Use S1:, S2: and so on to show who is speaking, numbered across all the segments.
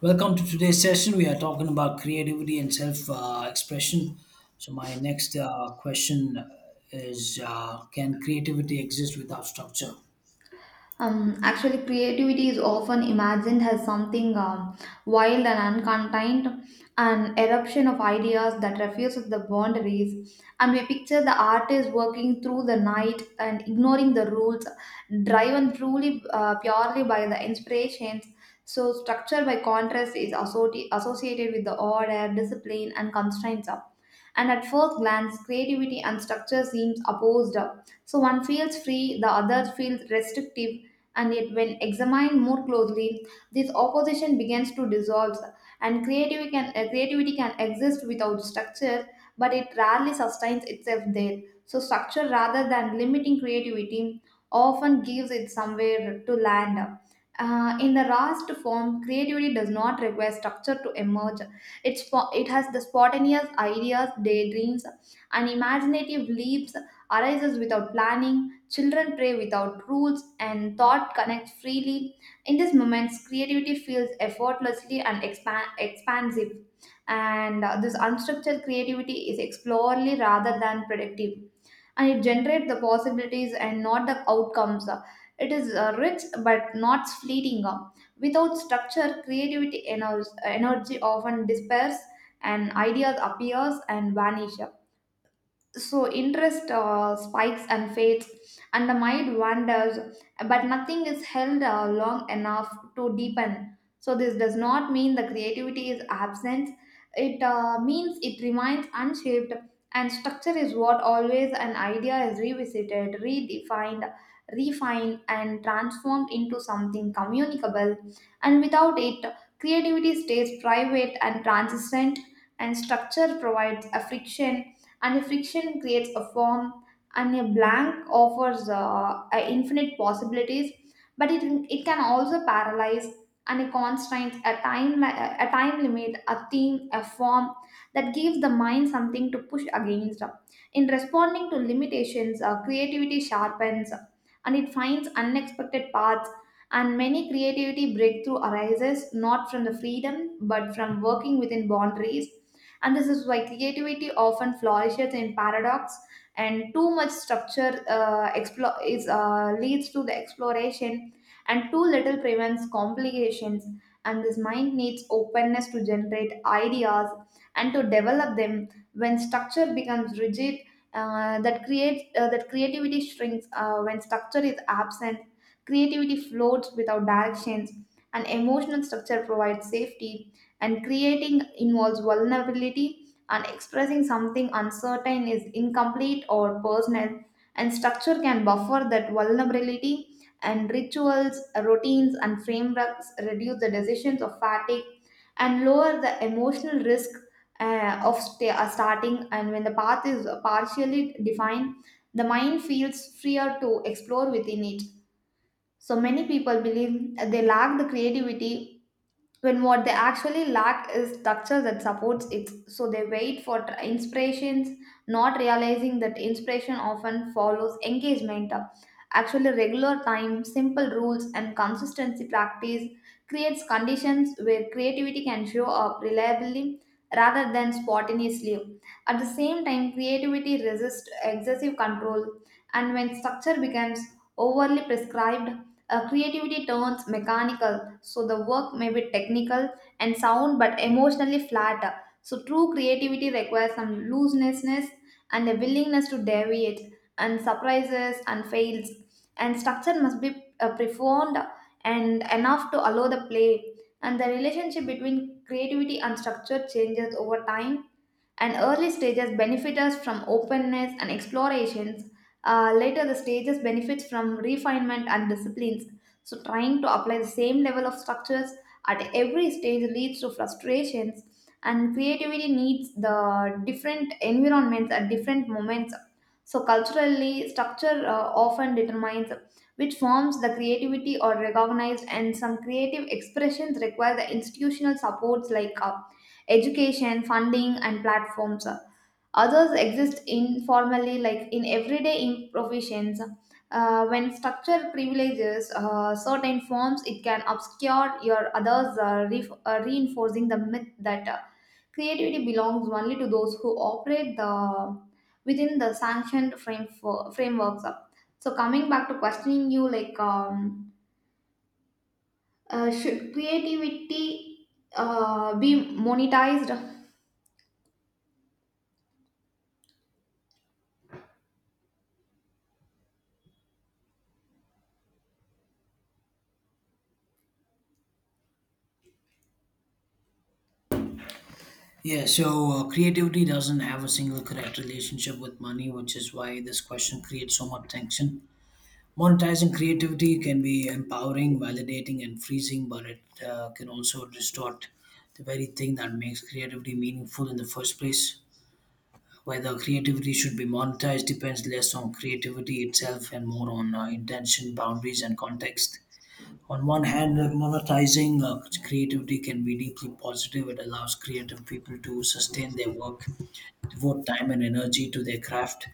S1: Welcome to today's session. We are talking about creativity and self expression. So, my next question is can creativity exist without structure?
S2: Creativity is often imagined as something wild and uncontained, an eruption of ideas that refuses the boundaries. And we picture the artist working through the night and ignoring the rules, driven truly purely by the inspirations. So, structure by contrast is associated with the order, discipline, and constraints. And at first glance, creativity and structure seems opposed. So one feels free, the other feels restrictive. And yet, when examined more closely, this opposition begins to dissolve. And creativity can exist without structure, but it rarely sustains itself there. So structure, rather than limiting creativity, often gives it somewhere to land. In the rawest form, creativity does not require structure to emerge. It has the spontaneous ideas, daydreams, and imaginative leaps arises without planning. Children play without rules, and thought connects freely. In these moments, creativity feels effortlessly and expansive, and this unstructured creativity is exploratory rather than predictive, and it generates the possibilities and not the outcomes. It is rich but not fleeting. Without structure, creativity energy often disperses and ideas appears and vanish, so interest spikes and fades and the mind wanders but nothing is held long enough to deepen. So this does not mean the creativity is absent, it means it remains unshaped. And structure is what always an idea is revisited, redefined, refined, and transformed into something communicable. And without it, creativity stays private and transient. And structure provides a friction, and a friction creates a form. And a blank offers a infinite possibilities, but it can also paralyze. And a constraint, a a time limit, a theme, a form that gives the mind something to push against. In responding to limitations, creativity sharpens and it finds unexpected paths. And many creativity breakthrough arises not from the freedom but from working within boundaries. And this is why creativity often flourishes in paradox. And too much structure, explore is leads to the exploration, and too little prevents complications. And this mind needs openness to generate ideas and to develop them. When structure becomes rigid, that creativity shrinks. When structure is absent, creativity floats without directions. And emotional structure provides safety, and creating involves vulnerability, and expressing something uncertain is incomplete or personal, and structure can buffer that vulnerability. And rituals, routines, and frameworks reduce the decisions of fatigue and lower the emotional risk of starting. And when the path is partially defined, the mind feels freer to explore within it. So many people believe they lack the creativity when what they actually lack is structure that supports it, so they wait for inspirations, not realizing that inspiration often follows engagement. Actually, regular time, simple rules, and consistency practice creates conditions where creativity can show up reliably rather than spontaneously. At the same time, creativity resists excessive control, and when structure becomes overly prescribed, creativity turns mechanical. So the work may be technical and sound but emotionally flat. So true creativity requires some looseness and a willingness to deviate and surprises and fails, and structure must be profound and enough to allow the play. And the relationship between creativity and structure changes over time, and early stages benefit us from openness and explorations. Later, the stages benefits from refinement and disciplines. So, trying to apply the same level of structures at every stage leads to frustrations, and creativity needs the different environments at different moments. So, culturally, structure often determines which forms the creativity are recognized, and some creative expressions require the institutional supports like education, funding, and platforms. Others exist informally, like in everyday provisions. When structure privileges certain forms, it can obscure your others, reinforcing the myth that creativity belongs only to those who operate the within the sanctioned frameworks. So coming back to questioning you, like should creativity be monetized?
S1: Yeah, so creativity doesn't have a single correct relationship with money, which is why this question creates so much tension. Monetizing creativity can be empowering, validating, and freezing, but it can also distort the very thing that makes creativity meaningful in the first place. Whether creativity should be monetized depends less on creativity itself and more on intention, boundaries, and context. On one hand, monetizing creativity can be deeply positive. It allows creative people to sustain their work, devote time and energy to their craft,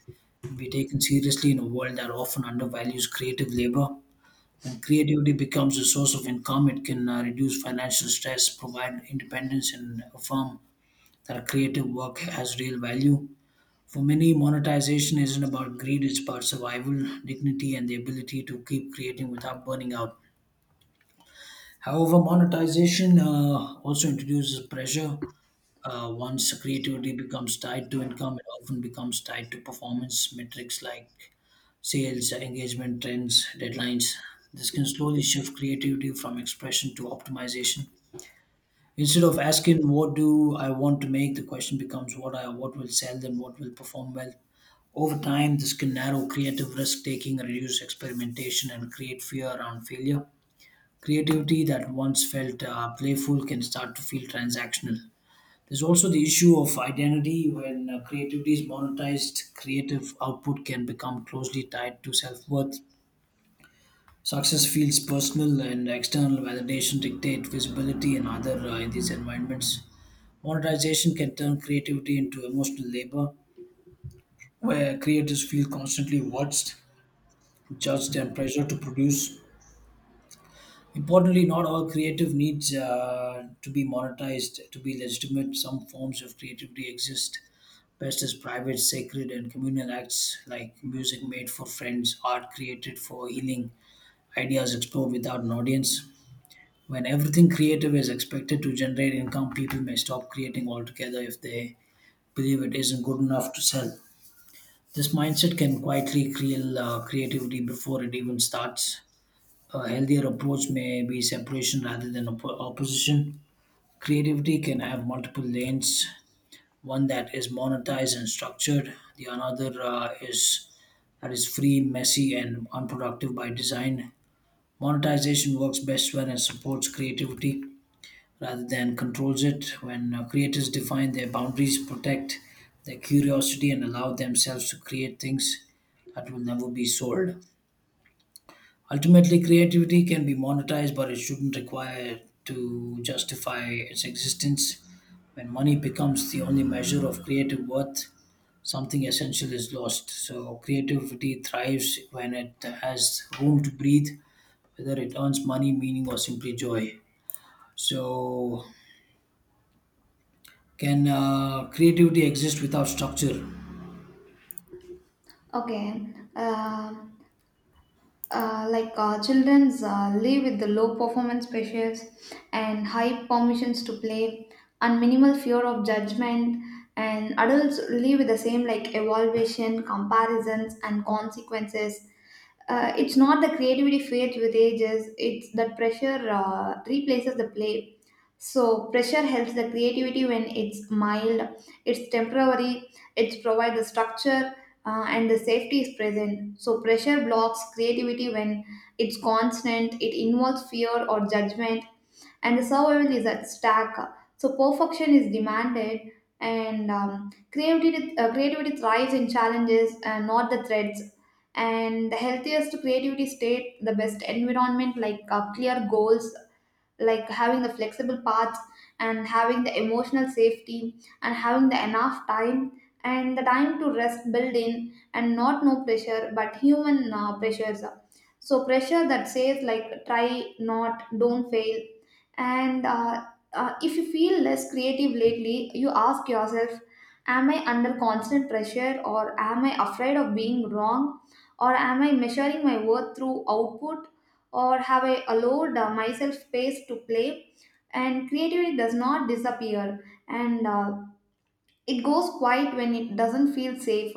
S1: and be taken seriously in a world that often undervalues creative labor. When creativity becomes a source of income, it can reduce financial stress, provide independence, and affirm that creative work has real value. For many, monetization isn't about greed, it's about survival, dignity, and the ability to keep creating without burning out. However, monetization also introduces pressure. Once creativity becomes tied to income, it often becomes tied to performance metrics like sales, engagement trends, deadlines. This can slowly shift creativity from expression to optimization. Instead of asking what do I want to make, the question becomes what will sell and what will perform well. Over time, this can narrow creative risk taking, reduce experimentation, and create fear around failure. Creativity that once felt playful can start to feel transactional. There's also the issue of identity. When creativity is monetized, creative output can become closely tied to self worth. Success feels personal, and external validation dictate visibility in these environments. Monetization can turn creativity into emotional labor, where creators feel constantly watched judged and pressured to produce. Importantly, not all creative needs to be monetized to be legitimate. Some forms of creativity exist best as private, sacred, and communal acts like music made for friends, art created for healing, ideas explored without an audience. When everything creative is expected to generate income, people may stop creating altogether if they believe it isn't good enough to sell. This mindset can quietly kill creativity before it even starts. A healthier approach may be separation rather than opposition. Creativity can have multiple lanes. One that is monetized and structured. The another is that is free, messy, and unproductive by design. Monetization works best when it supports creativity rather than controls it, when creators define their boundaries, protect their curiosity, and allow themselves to create things that will never be sold. Ultimately, creativity can be monetized, but it shouldn't require to justify its existence. When money becomes the only measure of creative worth, something essential is lost. So, creativity thrives when it has room to breathe, whether it earns money, meaning, or simply joy. So, can creativity exist without structure?
S2: Okay. Um children's live with the low performance pressures and high permissions to play and minimal fear of judgment, and adults live with the same, like evaluation, comparisons, and consequences. It's not the creativity fades with ages, it's that pressure replaces the play. So pressure helps the creativity when it's mild, it's temporary, it provides the structure, and the safety is present. So pressure blocks creativity when it's constant, it involves fear or judgment, and the survival is at stake. So perfection is demanded, and creativity thrives in challenges and not the threats. And the healthiest creativity state, the best environment, like clear goals, like having the flexible paths and having the emotional safety and having the enough time and the time to rest built in, and not no pressure but human pressures. So pressure that says like try, not don't fail. And if you feel less creative lately, you ask yourself, am I under constant pressure, or am I afraid of being wrong, or am I measuring my worth through output, or have I allowed myself space to play? And creativity does not disappear. And it goes quiet when it doesn't feel safe,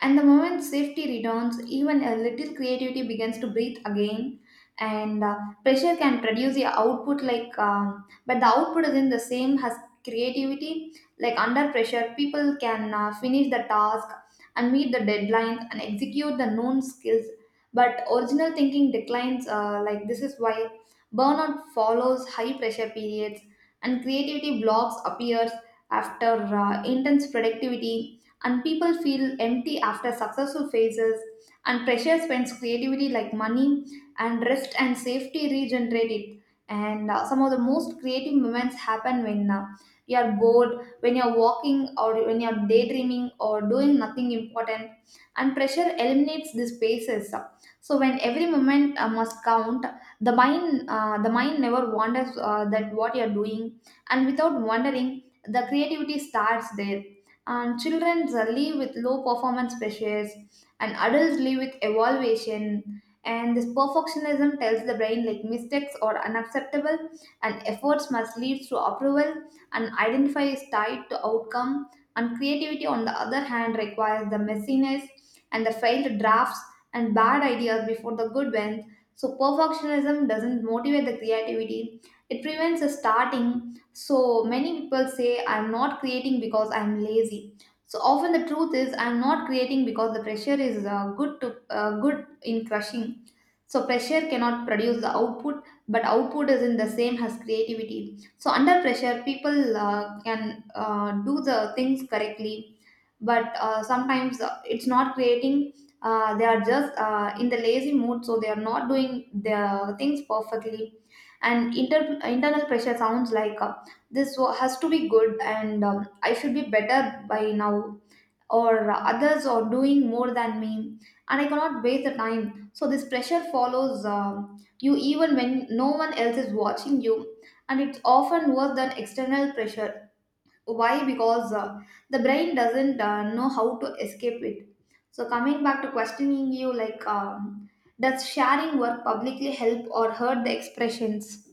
S2: and the moment safety returns, even a little creativity begins to breathe again. And pressure can produce the output, like, but the output isn't the same as creativity. Like under pressure, people can finish the task and meet the deadlines and execute the known skills. But original thinking declines. Like this is why burnout follows high pressure periods and creativity blocks appear after intense productivity, and people feel empty after successful phases, and pressure spends creativity like money, and rest and safety regenerate it. And some of the most creative moments happen when you are bored, when you are walking, or when you are daydreaming, or doing nothing important. And pressure eliminates these spaces. So when every moment must count, the mind never wonders that what you are doing, and without wondering the creativity starts there. And children live with low performance pressures and adults live with evaluation, and this perfectionism tells the brain like mistakes are unacceptable and efforts must lead to approval and identify is tied to outcome. And creativity on the other hand requires the messiness and the failed drafts and bad ideas before the good ones. So perfectionism doesn't motivate the creativity, it prevents the starting. So many people say, I'm not creating because I'm lazy. So often the truth is, I'm not creating because the pressure is good in crushing. So pressure cannot produce the output, but output isn't the same as creativity. So under pressure, people can do the things correctly, but sometimes it's not creating. They are just in the lazy mood, so they are not doing their things perfectly. And internal pressure sounds like this has to be good, and I should be better by now, or others are doing more than me and I cannot waste the time. So this pressure follows you even when no one else is watching you, and it's often worse than external pressure. Why? Because the brain doesn't know how to escape it. So coming back to questioning you, like does sharing work publicly help or hurt the expressions?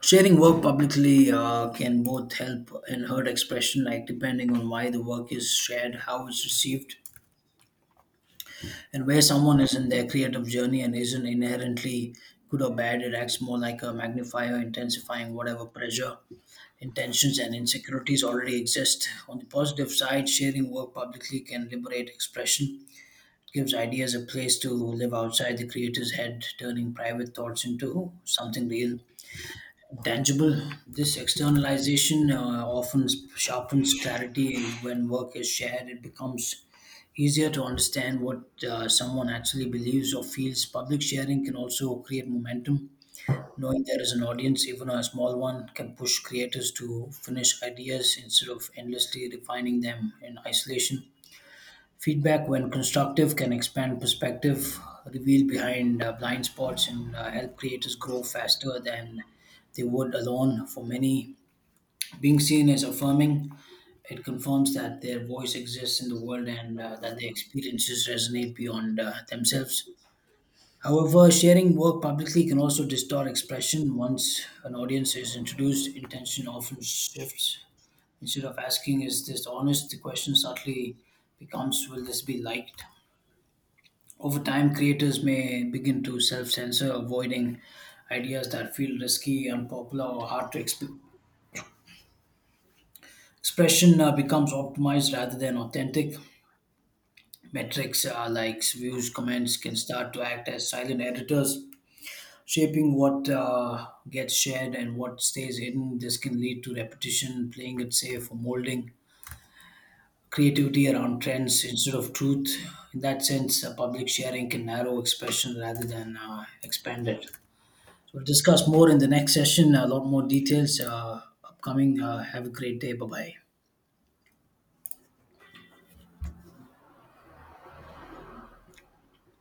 S1: Sharing work publicly can both help and hurt expression, like depending on why the work is shared, how it's received, and where someone is in their creative journey, and isn't inherently good or bad. It acts more like a magnifier, intensifying whatever pressure, intentions, and insecurities already exist. On the positive side, sharing work publicly can liberate expression. It gives ideas a place to live outside the creator's head, turning private thoughts into something real. Tangible. This externalization often sharpens clarity, and when work is shared, it becomes easier to understand what someone actually believes or feels. Public sharing can also create momentum. Knowing there is an audience, even a small one, can push creators to finish ideas instead of endlessly refining them in isolation. Feedback, when constructive, can expand perspective, reveal behind blind spots, and help creators grow faster than they would alone. For many, being seen is affirming. It confirms that their voice exists in the world and that their experiences resonate beyond themselves. However, sharing work publicly can also distort expression. Once an audience is introduced, intention often shifts. Instead of asking, is this honest, the question subtly becomes, will this be liked? Over time, creators may begin to self censor, avoiding ideas that feel risky, unpopular, or hard to expression becomes optimized rather than authentic. Metrics like views, comments can start to act as silent editors, shaping what gets shared and what stays hidden. This can lead to repetition, playing it safe, or molding creativity around trends instead of truth. In that sense, public sharing can narrow expression rather than expand it. So we'll discuss more in the next session, a lot more details upcoming. Have a great day. Bye bye.